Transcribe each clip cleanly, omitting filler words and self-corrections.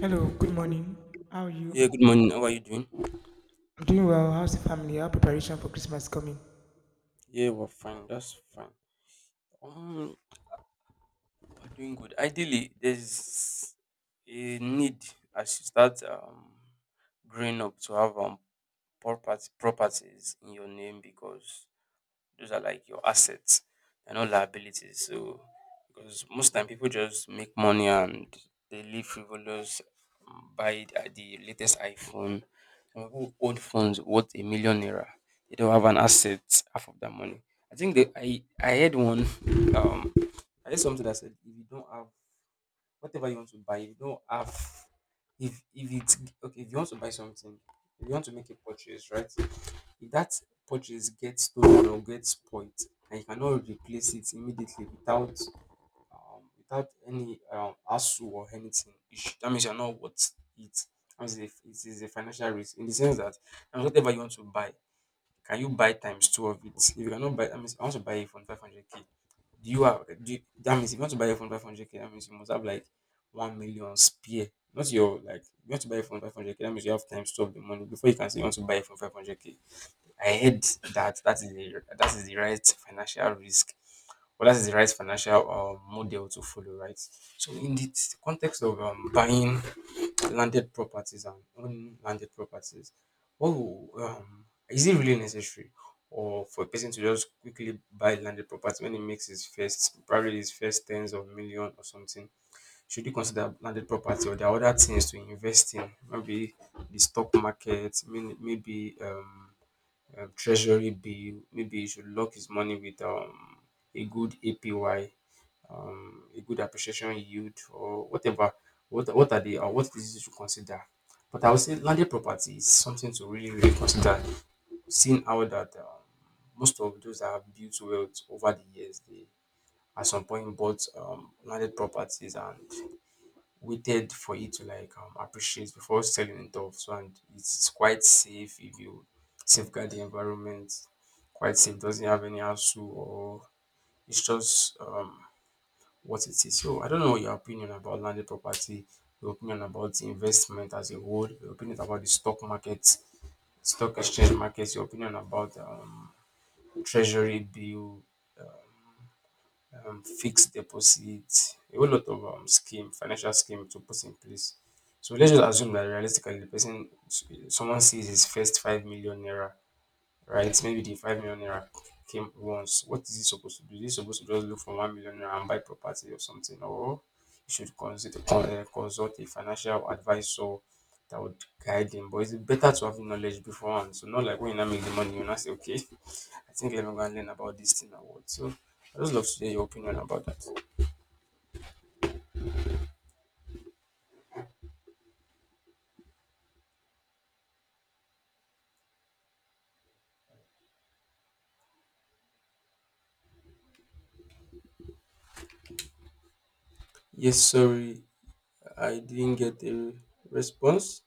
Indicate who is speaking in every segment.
Speaker 1: Hello, good morning. How are you?
Speaker 2: Yeah, good morning. How are you doing?
Speaker 1: I'm doing well. How's the family? How preparation for Christmas coming?
Speaker 2: Yeah, we're fine. That's fine. Um, we're doing good. Ideally, there's a need as you start growing up to have property properties in your name because those are like your assets. They're not liabilities. So because most time people just make money and they live frivolous, buy the latest iPhone. Some people own phones worth a million naira. They don't have an asset half of that money. I think they, I heard one um I heard something that said if you don't have whatever you want to buy, if you don't have if it's okay, if you want to buy something, if you want to make a purchase, right? If that purchase gets stolen or gets spoilt and you cannot replace it immediately without any hassle or anything, you should dat means you are not worth it. Dat means it is a financial risk in the sense that na whatever you want to buy, can you buy times two of it? If you cannot buy dat means I want to buy a phone 500 k, do you have do you dat means if you want to buy a phone 500 k that means you must have like 1 million spare. Not your like you want to buy a phone 500 k. That means you have times two of the money before you can say you want to buy a phone 500 k. I hate that. That is the right financial risk, or that is the right financial model to follow, right? So in the context of buying landed properties and owning landed properties, oh, is it really necessary, or for a person to just quickly buy landed property when he makes his first probably his first tens of million or something? Should you consider landed property or there are other things to invest in? Maybe the stock market, maybe treasury bill, maybe he should lock his money with a good APY, a good appreciation yield or whatever. What are the or what is you should consider? But I would say landed property is something to really, really consider, seeing how that most of those that have built wealth over the years, they at some point bought landed properties and waited for it to like appreciate before selling it off. So and it's quite safe if you safeguard the environment. Quite safe, doesn't have any hassle or it's just what it is. So I don't know your opinion about landed property, your opinion about the investment as a whole, your opinion about the stock market, stock exchange markets, your opinion about treasury bill, fixed deposit, a whole lot of scheme, financial scheme to put in place. So let's just assume that realistically the person someone sees his first 5 million naira, right? So maybe the 5 million naira came once. What is he supposed to do? Is he supposed to just look for 1 million naira and buy property or something? Or you should consider consult a financial advisor that would guide him. But it's better to have knowledge beforehand. So not like when you now make the money, you now say, okay, I think let me go and learn about this thing or what. So I just love to hear your opinion about that. Yes, sorry, I didn't get a response.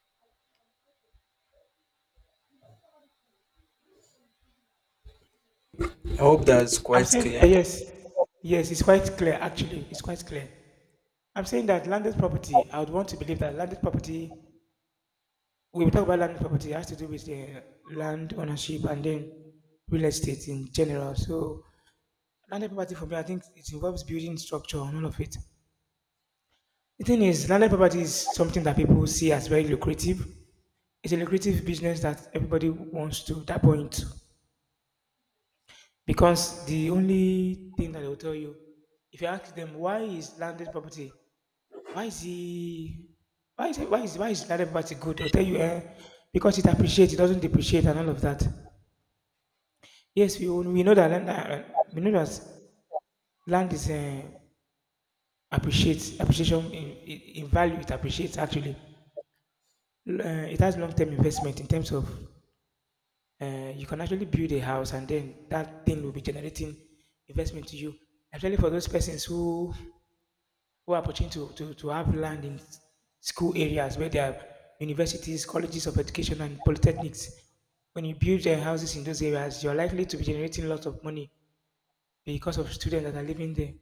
Speaker 2: I hope that's
Speaker 1: I'm
Speaker 2: quite
Speaker 1: saying
Speaker 2: clear.
Speaker 1: yes, yes. It's quite clear actually. It's quite clear. I'm saying that landed property. I would want to believe that landed property. We will talk about landed property. It has to do with the land ownership and then real estate in general. So landed property for me, I think it involves building structure and all of it. The thing is, landed property is something that people see as very lucrative. It's a lucrative business that everybody wants to tap into. Because the only thing that they will tell you, if you ask them why is landed property, why is he, why is landed property good? They'll tell you, eh, because it appreciates, it doesn't depreciate, and all of that. Yes, we know that we know that land is appreciates appreciation in value. It appreciates actually. It has long term investment in terms of you can actually build a house and then that thing will be generating investment to you. Actually, for those persons who are opportunity to have land school areas where there are universities, colleges of education, and polytechnics. When you build their houses in those areas, you're likely to be generating lots of money because of students that are living there.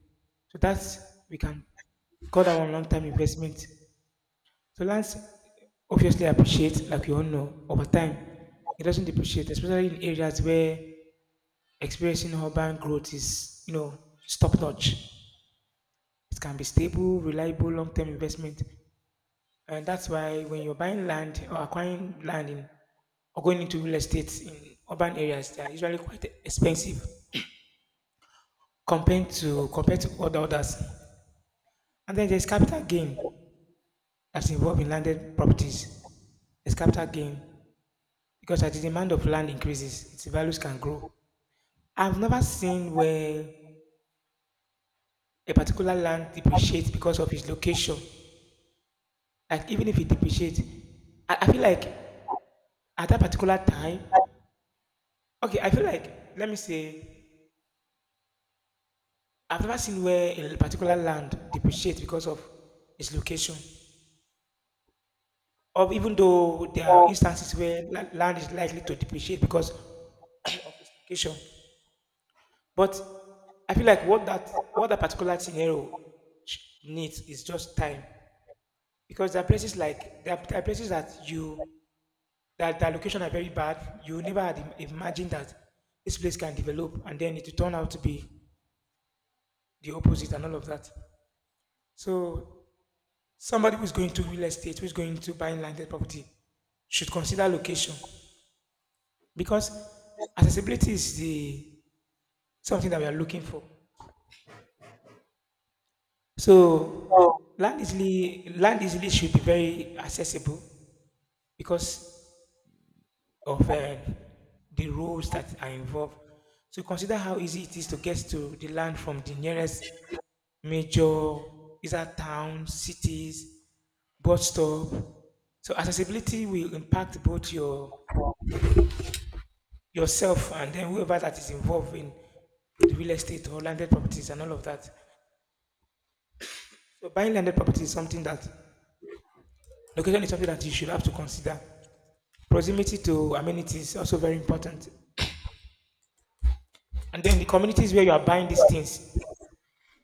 Speaker 1: So that's we can call that one long term investment. So lands obviously appreciate, like you all know, over time. It doesn't depreciate, especially in areas where experiencing urban growth is, you know, top notch. It can be stable, reliable, long term investment. And that's why when you're buying land or acquiring land in or going into real estate in urban areas, they are usually quite expensive compared to other others. And then there's capital gain that's involved in landed properties. There's capital gain because as the demand of land increases, its values can grow. I've never seen where a particular land depreciates because of its location. Like even if it depreciates, I feel like at that particular time, okay, I feel like let me say I've never seen where a particular land depreciates because of its location, or even though there are instances where land is likely to depreciate because of its location. But I feel like what that particular scenario sh- needs is just time, because there are places like there are places that you that the location are very bad. You never had imagined that this place can develop, and then it will turn out to be the opposite and all of that. So somebody who's going to real estate, who's going to buying landed property, should consider location because accessibility is the something that we are looking for. So land easily should be very accessible because of the roads that are involved. So consider how easy it is to get to the land from the nearest major, is that towns, cities, bus stop. So accessibility will impact both your yourself and then whoever that is involved in the real estate or landed properties and all of that. So buying landed property is something that location is something that you should have to consider. Proximity to amenities is also very important. And then the communities where you are buying these things.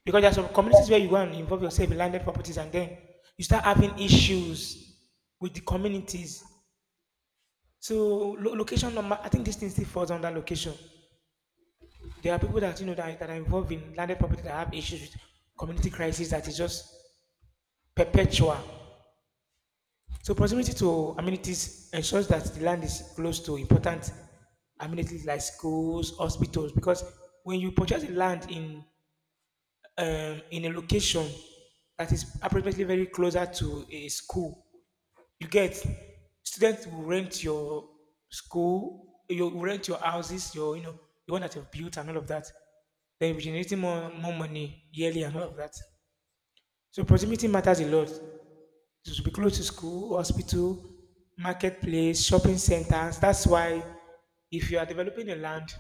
Speaker 1: Because there are some communities where you go and involve yourself in landed properties and then you start having issues with the communities. So location number, I think this thing still falls under location. There are people that you know that are involved in landed property that have issues with community crisis that is just perpetual. So proximity to amenities ensures that the land is close to important amenities like schools, hospitals. Because when you purchase a land in a location that is approximately very closer to a school, you get students will rent your school, you will rent your houses, your you know the one that you've built and all of that. Then you're generating more money yearly and all of that. So proximity matters a lot. It should be close to school, hospital, marketplace, shopping centers. That's why if you are developing a land,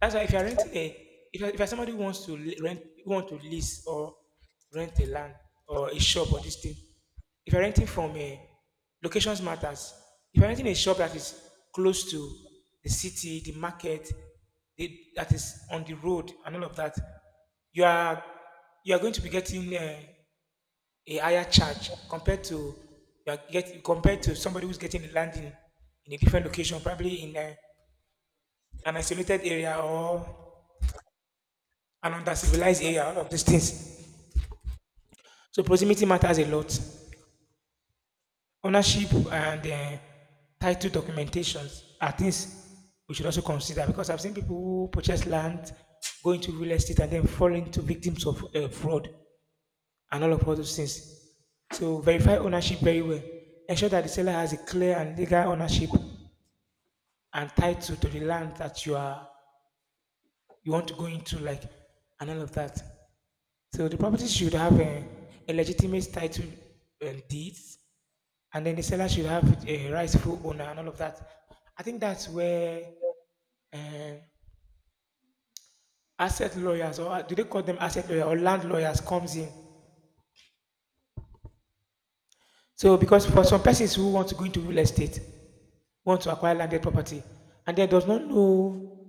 Speaker 1: that's why if you are renting if you are somebody who wants to who want to lease or rent a land or a shop or this thing, if you're renting from a, locations matters. If you're renting a shop that is close to the city, the market, the, that is on the road and all of that, you are you are going to be getting a higher charge compared to somebody who's getting a land in a different location, probably in a, an isolated area or an under civilized area, all of these things. So proximity matters a lot. Ownership and title documentations are things we should also consider because I've seen people who purchase land, go into real estate, and then fall into victims of fraud and all of all those things. So verify ownership very well. Ensure that the seller has a clear and legal ownership and tied to the land that you are you want to go into, like and all of that. So the property should have a legitimate title and deeds, and then the seller should have a rightful owner and all of that. I think that's where uh, asset lawyers or do they call them asset lawyer or land lawyers comes in. So because for some persons who want to go into real estate, want to acquire landed property, and they does not know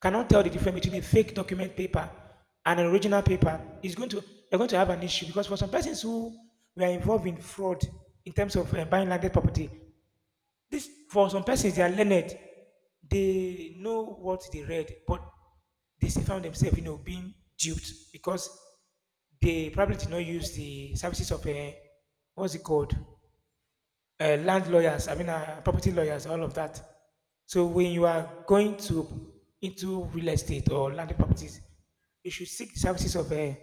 Speaker 1: cannot tell the difference between a fake document paper and an original paper is going to they're going to have an issue because for some persons who were involved in fraud in terms of buying landed property, this for some persons they are learned, they know what they read, but they still found themselves you know being duped because they probably did not use the services of a what's it called land lawyers, I mean, property lawyers, all of that. So when you are going to into real estate or land properties, you should seek the services of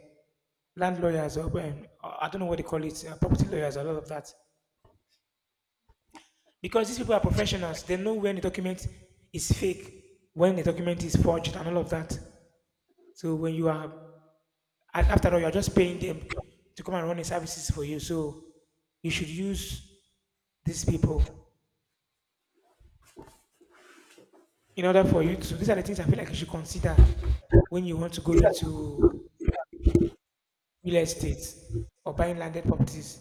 Speaker 1: land lawyers or I don't know what they call it, property lawyers, all of that. Because these people are professionals, they know when the document is fake, when the document is forged, and all of that. So when you are, and after all, you are just paying them to come and run the services for you. So you should use these people in order for you to these are the things I feel like you should consider when you want to go into real estate or buying landed properties.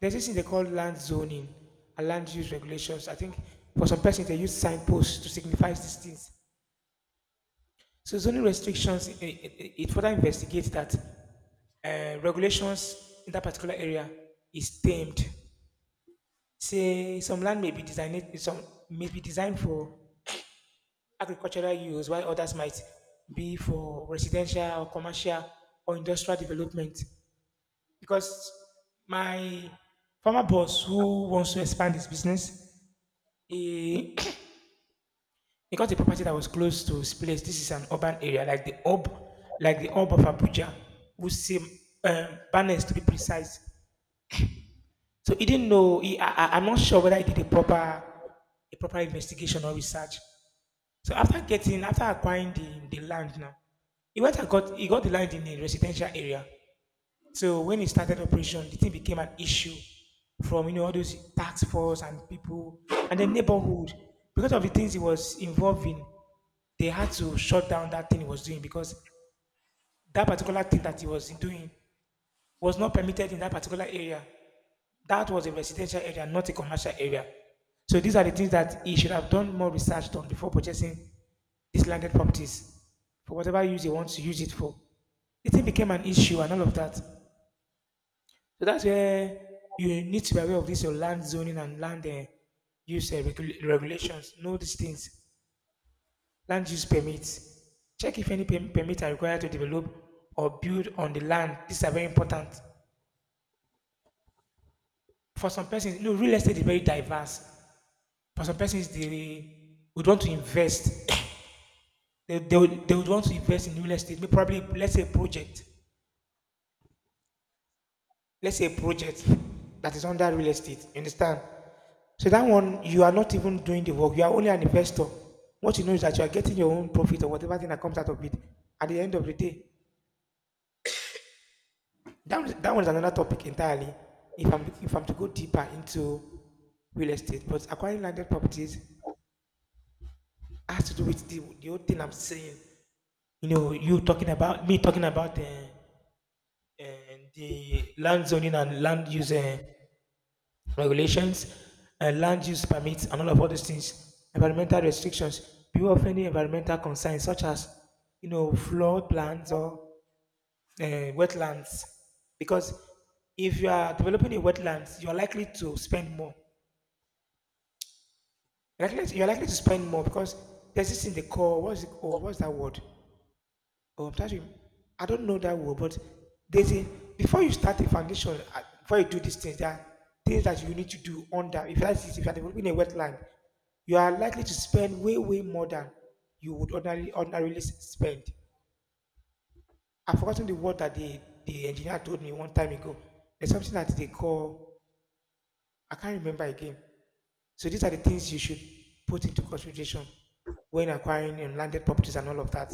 Speaker 1: There's this thing they call land zoning and land use regulations. I think for some persons they use signposts to signify these things. So zoning restrictions it further investigates that regulations in that particular area is tamed. Say some land may be designed some may be designed for agricultural use, while others might be for residential or commercial or industrial development. Because my former boss who wants to expand his business, he, he got a property that was close to his place. This is an urban area, like the hub of Abuja, which seem banners to be precise. So he didn't know. I'm not sure whether he did a proper investigation or research. So after getting, after acquiring the land now, he got the land in a residential area. So when he started operation, the thing became an issue from you know all those tax force and people and the neighborhood because of the things he was involved in. They had to shut down that thing he was doing because that particular thing that he was doing was not permitted in that particular area. That was a residential area, not a commercial area. So these are the things that he should have done more research on before purchasing these landed properties for whatever use he wants to use it for. The thing became an issue and all of that. So that's where you need to be aware of this your land zoning and land use regulations. Know these things. Land use permits. Check if any permit are required to develop or build on the land. These are very important. For some persons, you know, real estate is very diverse. For some persons they would want to invest they would want to invest in real estate. Maybe probably let's say a project that is under real estate, you understand, so that one you are not even doing the work, you are only an investor. What you know is that you are getting your own profit or whatever thing that comes out of it at the end of the day. That one is another topic entirely. If I'm to go deeper into real estate. But acquiring landed properties has to do with the whole thing I'm saying. You talking about me talking about uh, the land zoning and land use regulations, land use permits, and all of all these things, environmental restrictions, people of any environmental concerns such as flood plans or uh, wetlands, because if you are developing a wetlands, you are likely to spend more. You're likely to spend more because there's this thing they call, what's it, oh, what's that word? Oh, I'm touching. I don't know that word, but there's a, before you start a foundation, before you do these things, there are things that you need to do under. If that is, if you are developing a wetland, you are likely to spend way, way more than you would ordinarily spend. I've forgotten the word that the engineer told me one time ago. There's something that they call. I can't remember again. So these are the things you should put into consideration when acquiring landed properties and all of that.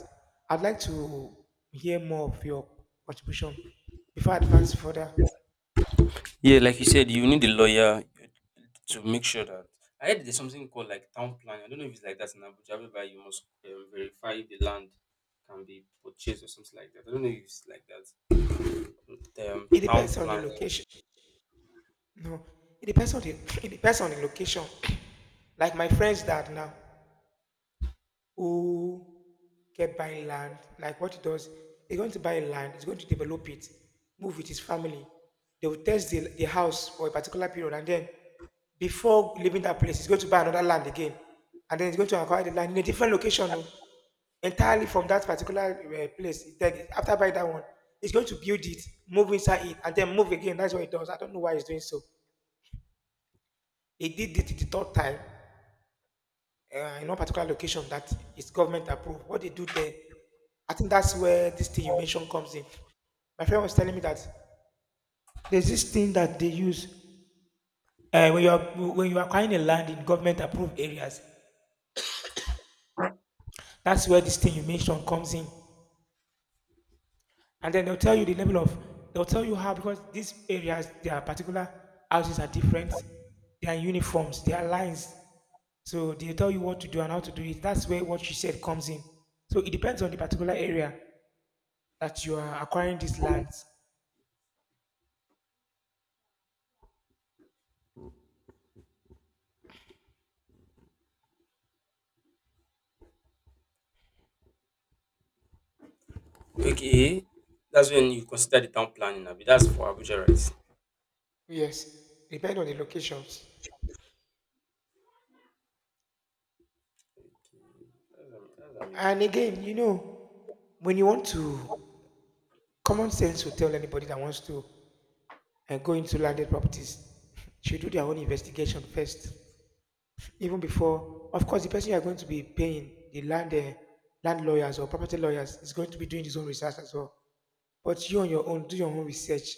Speaker 1: I'd like to hear more of your contribution before I advance further.
Speaker 2: Yeah, like you said, you need a lawyer to make sure that I heard there's something called like town planning. I don't know if it's like that in Abuja, whereby you must verify the land can be purchased or something like that. I don't know if it's like that. Um,
Speaker 1: It
Speaker 2: town
Speaker 1: depends on the
Speaker 2: planning.
Speaker 1: location. No, it depends on the it depends on the location. Like my friends that now, who kept buying land, like what he does, he's going to buy land, he's going to develop it, move with his family. They will test the house for a particular period, and then before leaving that place, he's going to buy another land again. And then he's going to acquire the land in a different location, oh, entirely from that particular place. Then after buying that one, he's going to build it, move inside it, and then move again. That's what he does. I don't know why he's doing so. He did it the third time in one particular location that is government approved. What they do there, I think that's where this thing you mentioned comes in. My friend was telling me that there's this thing that they use when you are acquiring a land in government approved areas. That's where this thing you mentioned comes in, and then they'll tell you how, because these areas, their particular houses are different, they are uniforms, they are lines. So they tell you what to do and how to do it. That's where what you said comes in. So it depends on the particular area that you are acquiring these lands.
Speaker 2: Okay, that's when you consider the town planning. Abi, that's for Abuja, right?
Speaker 1: Yes, depend on the locations.
Speaker 2: Okay, that's
Speaker 1: And
Speaker 2: amazing.
Speaker 1: again, when you want to, common sense will tell anybody that wants to go into landed properties should do their own investigation first, even before. Of course, the person you are going to be paying, the land land lawyers or property lawyers, is going to be doing his own research as well. But you on your own, do your own research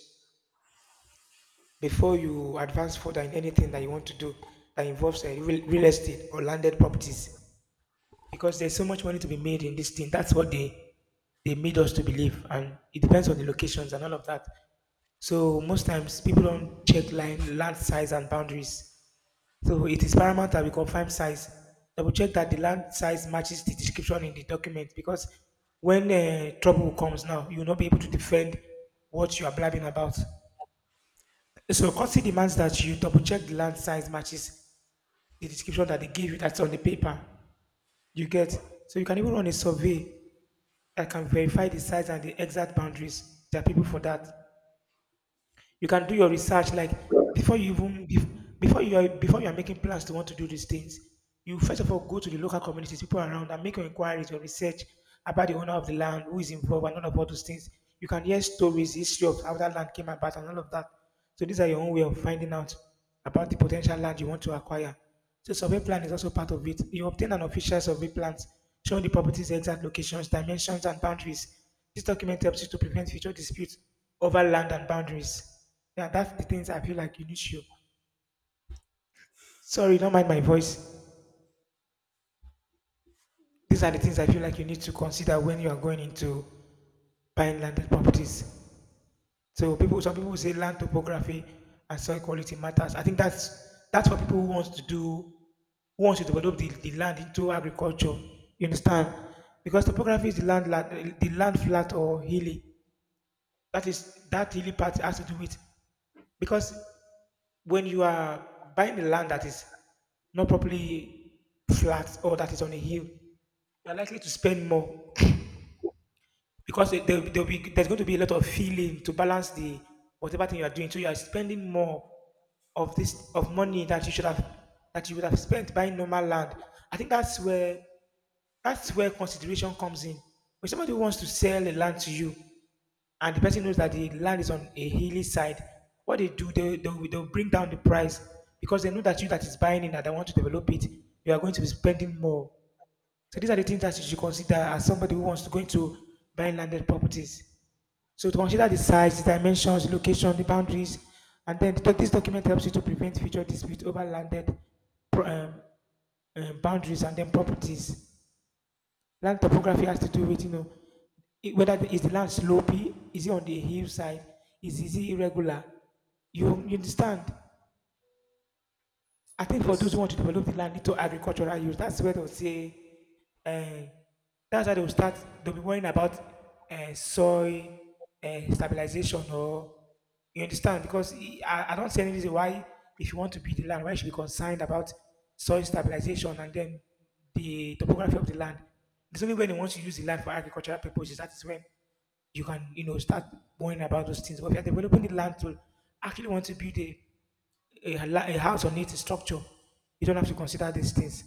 Speaker 1: before you advance further in anything that you want to do that involves real estate or landed properties, because there's so much money to be made in this thing. That's what they made us to believe, and it depends on the locations and all of that. So most times people don't check land size and boundaries. So it is paramount that we confirm size. Double check that the land size matches the description in the document, because when trouble comes now, you will not be able to defend what you are blabbing about. So courtesy demands that you double check the land size matches the description that they give you, that's on the paper. You get. So you can even run a survey, I can verify the size and the exact boundaries. There are people for that. You can do your research like, before you are making plans to want to do these things. You first of all go to the local communities, people around, and make your inquiries, your research about the owner of the land, who is involved, and all of all those things. You can hear stories, history of how that land came about, and all of that. So these are your own way of finding out about the potential land you want to acquire. So survey plan is also part of it. You obtain an official survey plan showing the property's exact locations, dimensions, and boundaries. This document helps you to prevent future disputes over land and boundaries. Yeah, that's the things I feel like you need to. Sorry, don't mind my voice. These are the
Speaker 2: Yeah.
Speaker 1: things I feel like you need to consider when you are going into buying landed properties. So some people say land topography and soil quality matters. I think that's for people who wants to do, who wants to develop the, land into agriculture. You understand? Because topography is the land, the land flat or hilly. That is, that really part has to do with, because when you are buying a land that is not properly flat or that is on a hill, you are likely to spend more, because there's going to be a lot of feeling to balance the whatever thing you are doing. So you are spending more of this of money that you should have that you would have spent buying normal land. I think that's where consideration comes in. When somebody wants to sell a land to you, and the person knows that the land is on a hilly side, what they do, they'll bring down the price, because they know that you that is buying it and they want to develop it, you are going to be spending more. So these are the things that you should consider as somebody who wants to go into buying landed properties. So to consider the size, the dimensions, the location, the boundaries, and then this document helps you to prevent future disputes over landed pro- um, boundaries and then properties. Land topography has to do with, is the land slopy, is it on the hillside, is it irregular? You understand? I think for those who
Speaker 2: Yes.
Speaker 1: want to develop the land into agricultural use, that's where they'll say, uh, that's how they'll start, they'll be worrying about soil stabilization, or, you understand? Because I don't see any reason why, if you want to build the land, why you should be concerned about soil stabilization and then the topography of the land. It's only when you want to use the land for agricultural purposes, that is when you can, start worrying about those things. But if you're developing the land to actually want to build a house on its structure. You don't have to consider these things.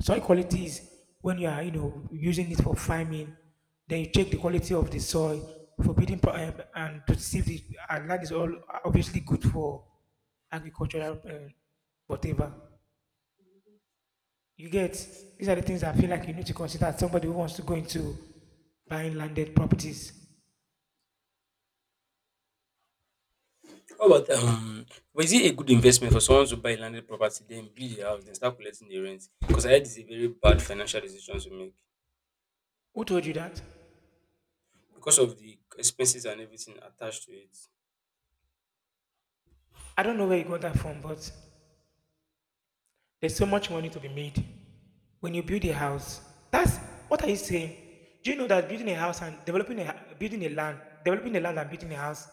Speaker 1: Soil quality is when you are, using it for farming. Then you check the quality of the soil for building and to see if the land is all obviously good for agricultural whatever. You get. These are the things I feel like you need to consider as somebody who wants to go into buying landed properties.
Speaker 2: How about? Was it a good investment for someone to buy landed property, then build a house, then start collecting the rent? Because I heard it's a very bad financial decision to make,
Speaker 1: Who told you that?
Speaker 2: because of the expenses and everything attached to it.
Speaker 1: I don't know where you got that from, but there's so much money to be made. When you build a house, that's what are you saying? Do you know that building a house and developing a building a land, developing a land and building a house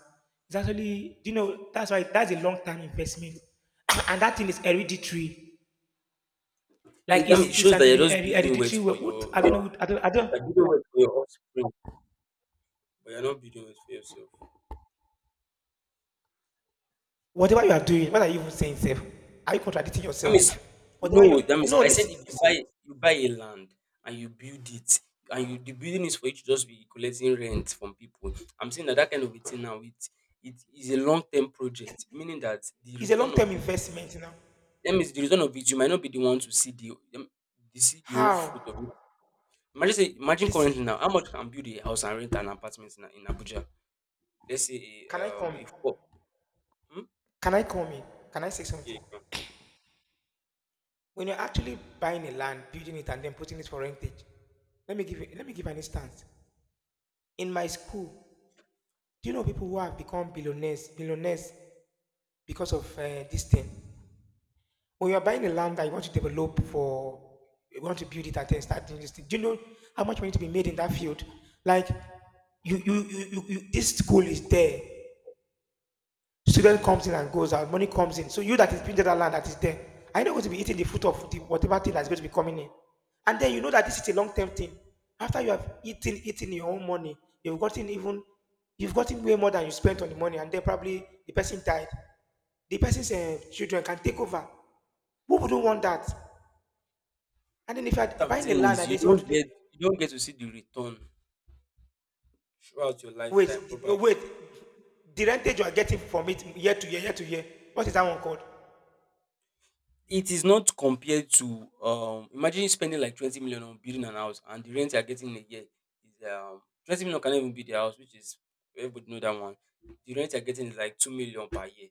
Speaker 1: is actually, do you know that's why that's a long time investment, and that thing is hereditary. Like
Speaker 2: It, I
Speaker 1: it's
Speaker 2: mean, it
Speaker 1: it's
Speaker 2: shows
Speaker 1: an
Speaker 2: that you're just building wealth
Speaker 1: hereditary. wo-
Speaker 2: for
Speaker 1: What
Speaker 2: your
Speaker 1: I don't know.
Speaker 2: you're
Speaker 1: I don't. I don't.
Speaker 2: building wealth for your offspring, but you're not building wealth for yourself.
Speaker 1: Whatever you are doing, what are you even saying, self? Are you contradicting
Speaker 2: That
Speaker 1: yourself?
Speaker 2: means
Speaker 1: Whatever you
Speaker 2: no. That means
Speaker 1: No,
Speaker 2: I said
Speaker 1: listen,
Speaker 2: if you
Speaker 1: listen.
Speaker 2: buy you buy a land and you build it and you the building is for you to just be collecting rent from people. I'm saying that that kind of a thing now it is a long term project, meaning that the
Speaker 1: It's a long
Speaker 2: return of
Speaker 1: term
Speaker 2: it.
Speaker 1: investment. You know
Speaker 2: That means the return of it you might not be the one to see the whole
Speaker 1: how?
Speaker 2: fruit of it. Imagine
Speaker 1: Listen.
Speaker 2: currently now, how much can build a house and rent an apartment in Abuja? Let's say
Speaker 1: Can I
Speaker 2: a um
Speaker 1: come?
Speaker 2: a four. Hmm?
Speaker 1: Can I come in? Can I say
Speaker 2: Yeah, you
Speaker 1: something?
Speaker 2: can.
Speaker 1: When you're actually buying a land, building it, and then putting it for rentage, let me give an instance. In my school, do you know people who have become billionaires, billionaires because of this thing? When you're buying a land that you want to develop for, you want to build it and then start doing this thing. Do you know how much money to be made in that field? Like, you, this school is there. Student comes in and goes out, money comes in. So you that is building that land that is there, are you not going to be eating the fruit of the, whatever thing that's going to be coming in? And then you know that this is a long-term thing. After you have eaten your own money, you've gotten even, you've gotten way more than you spent on the money, and then probably the person died. The person's children can take over. Who wouldn't want that? And then if you're
Speaker 2: What I'm
Speaker 1: buying the
Speaker 2: saying
Speaker 1: land
Speaker 2: is
Speaker 1: and
Speaker 2: you
Speaker 1: they say, want
Speaker 2: don't
Speaker 1: to take,
Speaker 2: get you don't get to see the return throughout your
Speaker 1: wait,
Speaker 2: lifetime
Speaker 1: oh,
Speaker 2: probably.
Speaker 1: wait, the rentage you are getting from it year to year, what is that one called?
Speaker 2: It is not compared to imagine spending like 20 million on building an house, and the rent you're getting in a year is 20 million can even be the house, which is everybody know that one. The rent you're getting is like 2 million per year.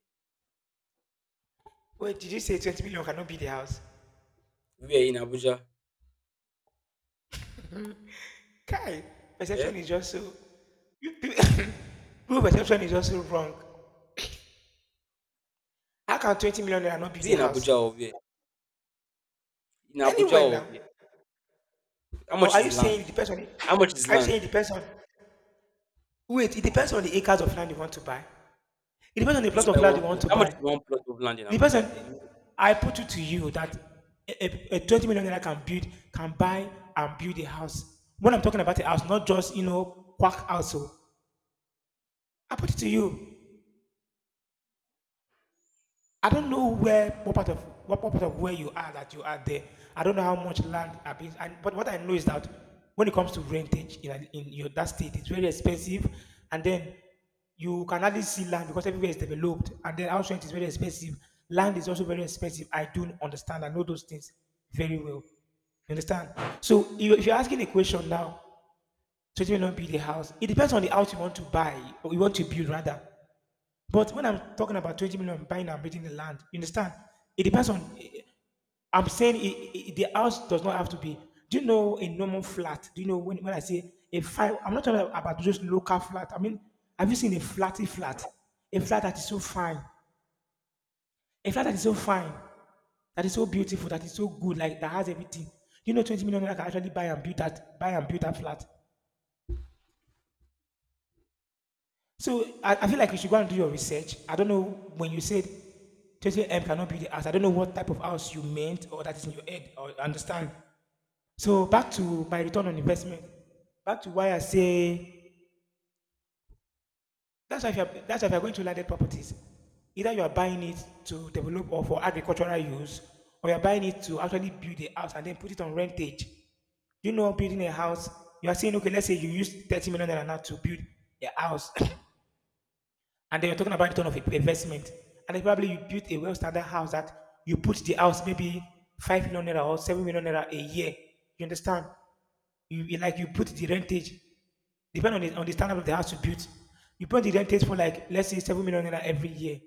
Speaker 1: Wait, did you say 20 million cannot be the house?
Speaker 2: Where in Abuja?
Speaker 1: Kai,
Speaker 2: Eh?
Speaker 1: perception is just so. you pe- People perception is just so wrong. How can 20 million naira not
Speaker 2: Is
Speaker 1: build
Speaker 2: it
Speaker 1: a
Speaker 2: in
Speaker 1: house?
Speaker 2: Abuja or where? In Abuja
Speaker 1: Anywhere
Speaker 2: or
Speaker 1: now.
Speaker 2: where? How
Speaker 1: Or
Speaker 2: much
Speaker 1: are
Speaker 2: is
Speaker 1: you saying
Speaker 2: land?
Speaker 1: it depends on?
Speaker 2: How much is
Speaker 1: Are you
Speaker 2: land?
Speaker 1: saying it depends on, wait, it depends on the acres of land you want to buy. It depends on the
Speaker 2: Just
Speaker 1: plot
Speaker 2: to buy
Speaker 1: of land
Speaker 2: one
Speaker 1: you want
Speaker 2: plot.
Speaker 1: to
Speaker 2: How much
Speaker 1: buy.
Speaker 2: is one plot of land in
Speaker 1: It depends
Speaker 2: Abuja?
Speaker 1: on.
Speaker 2: If
Speaker 1: I put it to you that a 20 million naira can build, can buy and build a house. When I'm talking about a house, not just, you know, quack house. Oh. I put it to you. I don't know where what part of, what part of where you are that you are there. I don't know how much land I've been, and, but what I know is that when it comes to rentage in your that state, it's very expensive, and then you can hardly see land because everywhere is developed, and then house rent is very expensive. Land is also very expensive. I do understand. I know those things very well. You understand? So, if you're asking a question now, 20 million build a house, it depends on the house you want to buy or you want to build rather. But when I'm talking about 20 million buying and building the land, you understand? It depends on. I'm saying the house does not have to be. Do you know a normal flat? Do you know when I say a five? I'm not talking about just local flat. I mean, have you seen a flatty flat? A flat that is so fine. A flat that is so fine, that is so beautiful, that is so good, like that has everything. Do you know 20 million naira can actually buy and build that, buy and build that flat? So I feel like you should go and do your research. I don't know when you said 28M cannot be the house. I don't know what type of house you meant or that is in your head or understand. So back to my return on investment. Back to why I say that's why if you're going to landed properties, either you are buying it to develop or for agricultural use, or you're buying it to actually build a house and then put it on rentage. You know, building a house, you are saying, okay, let's say you use 30 million naira now to build a house. And then you're talking about return of investment. And then probably you built a well standard house that you put the house maybe 5 million naira or 7 million naira a year. You understand? You like you put the rentage, depending on the standard of the house you built. You put the rentage for like let's say 7 million naira every year.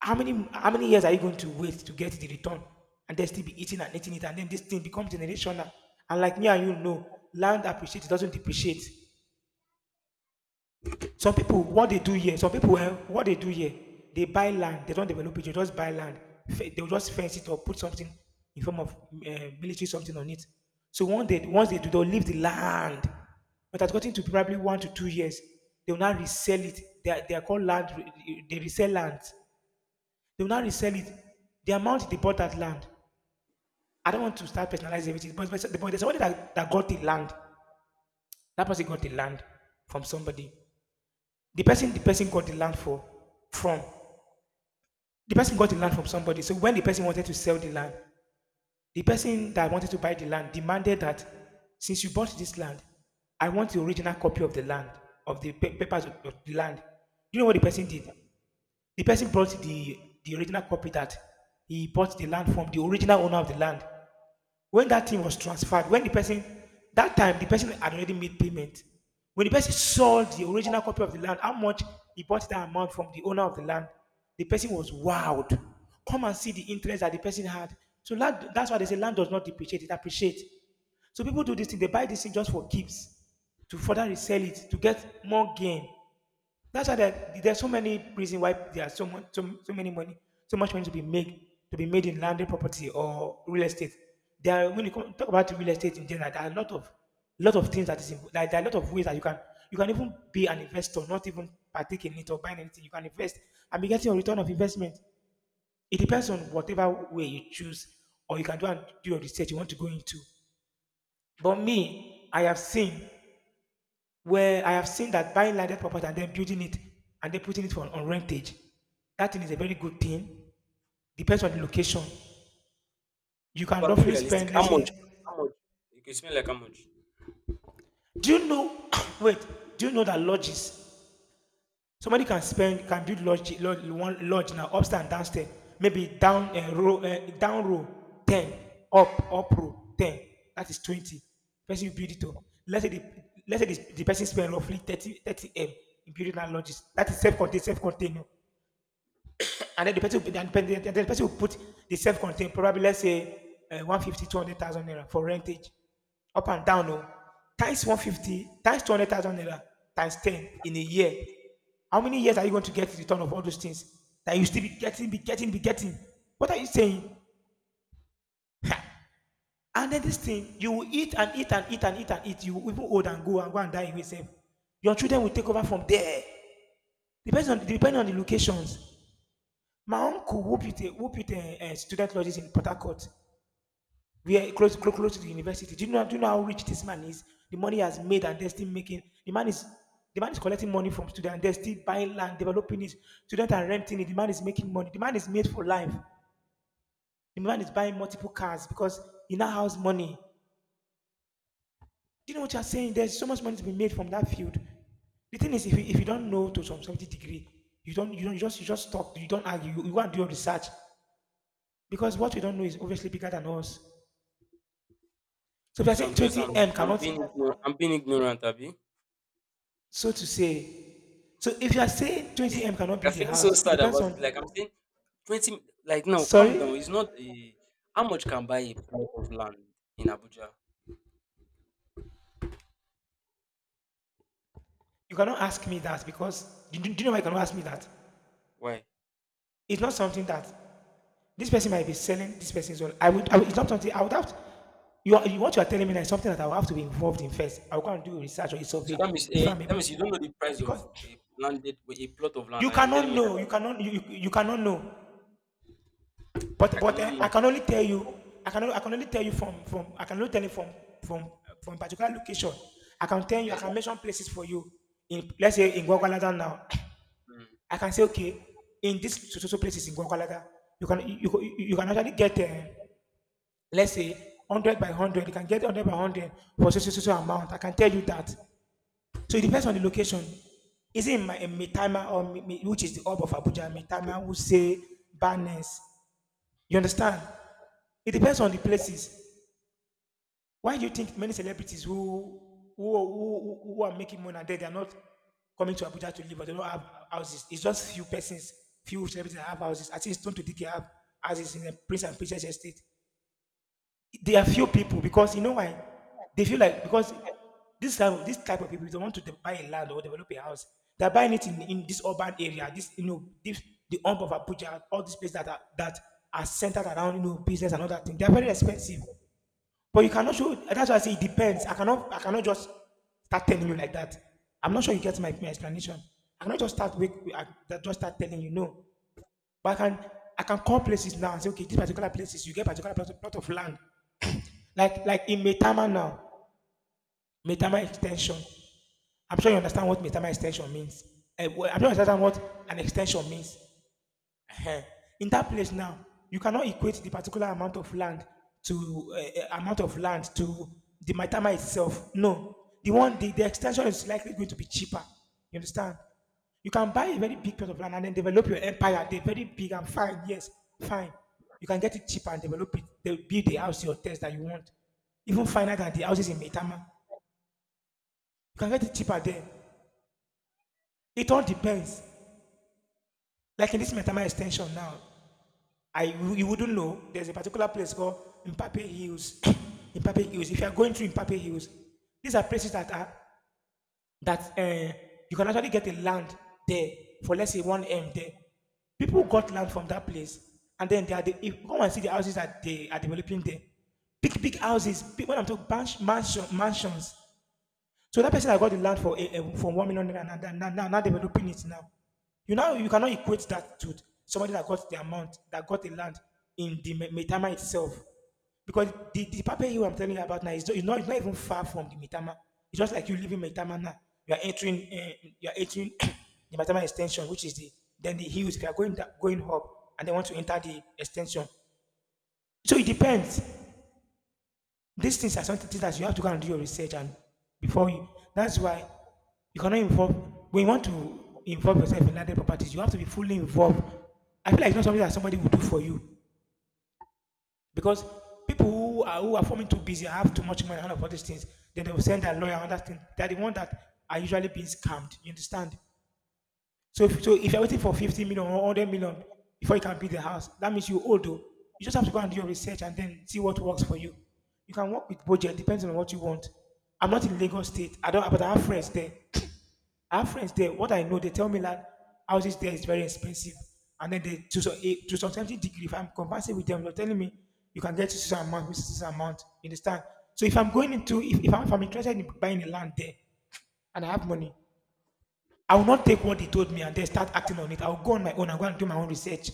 Speaker 1: How many years are you going to wait to get the return? And then still be eating and eating it, and then this thing becomes generational. And like me and you know, land appreciates, it doesn't depreciate. Some people, what they do here, some people, eh, what they do here, they buy land. They don't develop it. They just buy land. They'll just fence it or put something in form of military something on it. So one day, once they do, they'll leave the land. But that's gotten to probably 1 to 2 years. They will now resell it. They are called land. Re- They resell land. They will now resell it. The amount they bought that land. I don't want to start personalizing everything, but, but there's somebody that got the land. That person got the land from somebody. The person got the land for from The person got the land from somebody. So when the person wanted to sell the land, the person that wanted to buy the land demanded that since you bought this land, I want the original copy of the land, of the papers of the land. Do you know what the person did? The person brought the original copy that he bought the land from the original owner of the land when that thing was transferred, when the person, that time, the person had already made payment. When the person sold the original copy of the land, how much he bought that amount from the owner of the land, the person was wowed. Come and see the interest that the person had. So land, that's why they say land does not depreciate, it appreciates. So people do this thing, they buy this thing just for keeps, to further resell it, to get more gain. That's why there's so many reasons why there are so much, so many money, so much money to be made in landed property or real estate. There are, when you come, talk about real estate in general, there are a lot of things that is like there are a lot of ways that you can, you can even be an investor, not even partake in it or buying anything. You can invest and be getting a return of investment. It depends on whatever way you choose, or you can do and do your research you want to go into. But me, I have seen that buying landed property and then building it and then putting it on rentage, that thing is a very good thing. Depends on the location. You can
Speaker 2: I'm being
Speaker 1: roughly
Speaker 2: realistic,
Speaker 1: spend,
Speaker 2: how
Speaker 1: let's say,
Speaker 2: much? How much? You can smell like how much.
Speaker 1: do you know? Wait, do you know that lodges? Somebody can spend, can build lodge, one lodge now, upstairs and downstairs. Maybe down row, down row ten, up up row ten. That is 20. Person you build it to. Let's say the let's say the person spend roughly thirty m in building that lodges. That is self-contained, self-contained. Oh. And then the person will put the self-contained, probably let's say 150, naira for rentage. Up and down, oh. Times 150, times 200,000 naira, times 10 in a year. How many years are you going to get in return of all those things that you still be getting, be getting? What are you saying? Ha! And then this thing, you will eat and eat and eat and eat and eat. You will even old and go and go and die in yourself. Your children will take over from there. Depends on Depending on the locations. My uncle who built a, student lodges in Port Harcourt, we are close, close to the university. Do you know how rich this man is? The money he has made and they're still making. The man is collecting money from students. They're still buying land, developing it. Students are renting it. The man is making money. The man is made for life. The man is buying multiple cars because he now has money. Do you know what you're saying? There's so much money to be made from that field. The thing is, if you don't know to some certain degree, you just talk. You don't argue. You go and do your research because what we don't know is obviously bigger than us. So if you are
Speaker 2: So I'm
Speaker 1: saying
Speaker 2: just
Speaker 1: 20
Speaker 2: I'm
Speaker 1: M
Speaker 2: I'm
Speaker 1: cannot,
Speaker 2: being ignorant, I'm being ignorant, Abi.
Speaker 1: so to say, so if you are saying 20 M cannot
Speaker 2: I'm
Speaker 1: build a
Speaker 2: feeling so
Speaker 1: house, it
Speaker 2: sad
Speaker 1: depends
Speaker 2: about
Speaker 1: on.
Speaker 2: it. Like I'm saying 20. Like now, calm
Speaker 1: Sorry,
Speaker 2: down. It's not a, how much can buy a plot of land in Abuja?
Speaker 1: you cannot ask me that because do you know why you cannot ask me that?
Speaker 2: Why?
Speaker 1: It's not something that this person might be selling. This person's well, I would. I would, it's not something I would have. To, you, are, you What you are telling me now is something that I will have to be involved in first. I will go and do research or a
Speaker 2: So that
Speaker 1: survey
Speaker 2: means
Speaker 1: before
Speaker 2: eh,
Speaker 1: I'm
Speaker 2: that
Speaker 1: able
Speaker 2: means you
Speaker 1: to.
Speaker 2: don't know the price
Speaker 1: Because
Speaker 2: of a plot of land,
Speaker 1: you
Speaker 2: and you're
Speaker 1: cannot
Speaker 2: telling me
Speaker 1: know, you
Speaker 2: that
Speaker 1: cannot, you cannot know. But
Speaker 2: I
Speaker 1: but
Speaker 2: cannot
Speaker 1: eh, I
Speaker 2: know.
Speaker 1: can only tell you. I can only tell you from, I can only tell you from from particular location. I can tell you,
Speaker 2: Eh,
Speaker 1: I can mention places for you. In, let's say, in Gwagwalada now,
Speaker 2: mm.
Speaker 1: I can say okay, in this so so so places in Gwagwalada, you can you can actually get let's say hundred by hundred. You can get hundred by hundred for so so so so amount. I can tell you that. So it depends on the location. Is it in my in Mitama, or which is the hub of Abuja, Mitama, Wuse, Barnes? You understand? It depends on the places. Why do you think many celebrities who are making money and then they are not coming to Abuja to live, but they don't have houses? It's just few persons, few celebrities that have houses. I think Stone to Dickie have houses in the Prince and Princess Estate. There are few people because you know why. They feel like, because this type of people, they want to buy a land or develop a house. They're buying it in this urban area, this you know this, the hump of Abuja, all these places that are centered around, you know, business and other things. They're very expensive. But you cannot show. That's why I say it depends. I cannot. I cannot just start telling you like that. I'm not sure you get my explanation. I cannot just start with, I just start telling you no. But I can. I can call places now and say, okay, these particular places, you get particular plot of land, like in Metama now, Metama extension. I'm sure you understand what Metama extension means. Well, I'm sure you understand what an extension means. Eh, in that place now, you cannot equate the particular amount of land to amount of land to the matama itself. No, the extension is likely going to be cheaper. You understand? You can buy a very big piece of land and then develop your empire. They're very big and fine. Yes, fine. You can get it cheaper and develop it. They'll build the house, your test that you want. Even finer than the houses in Metama. You can get it cheaper there. It all depends. Like in this Metama extension now, I you wouldn't know. There's a particular place called Mpape Hills. Mpape Hills. If you are going through Mpape Hills, these are places that are that you can actually get a land there for, let's say, one M there. People got land from that place, and then they are the, if you come and see the houses that they are developing there. Big houses. Big, when I'm talking mansion, mansion, mansions, so that person that got the land for from 1 million naira now, developing it now. You now you cannot equate that to somebody that got the amount, that got the land in the Metama itself, because the paper you I'm telling you about now is not, it's not, it's not even far from the Metama. It's just like you live in Metama now. You are entering the Metama extension, which is the then the hills. If you are going going up and they want to enter the extension, so it depends. These things are something that you have to go and do your research and before you. That's why you cannot involve, when you want to involve yourself in landed properties, you have to be fully involved. I feel like it's not something that somebody will do for you because people who are forming too busy, have too much money and all these things. Then they will send their lawyer and that thing. They are the one that are usually being scammed. You understand? So, so if you're waiting for 50 million or 100 million before you can build the house, that means you're old though. You just have to go and do your research and then see what works for you. You can work with budget, depends on what you want. I'm not in Lagos State. I don't, but I have friends there. I have friends there. What I know, they tell me that houses there is very expensive. And then they, to, so- eh, to some certain degree, if I'm conversing with them, they're telling me you can get to this amount, this is this amount. You understand? So if I'm going into, if I'm interested in buying a land there and I have money, I will not take what they told me and then start acting on it. I will go on my own and go and do my own research.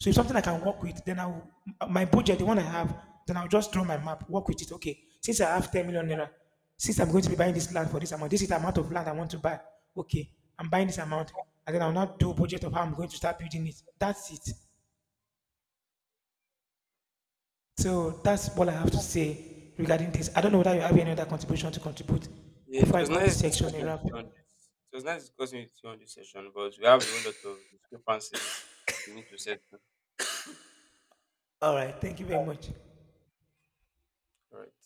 Speaker 1: So if something I can work with, then I will, my budget, the one I have, then I'll just draw my map, work with it. Okay, since I have 10 million naira, since I'm going to be buying this land for this amount, this is the amount of land I want to buy. Okay, I'm buying this amount. And then I'll not do a budget of how I'm going to start building it. That's it. So that's all I have to say regarding this. I don't know whether you have any other contribution to contribute
Speaker 2: Yeah, it
Speaker 1: before I
Speaker 2: was
Speaker 1: call
Speaker 2: nice
Speaker 1: this section
Speaker 2: discussing
Speaker 1: a
Speaker 2: with
Speaker 1: wrap.
Speaker 2: you on this. It was nice discussing with you on this session, but we have a whole lot of discrepancies we need to settle.
Speaker 1: All right, thank you very much.
Speaker 2: All right.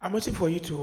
Speaker 1: I'm waiting for you to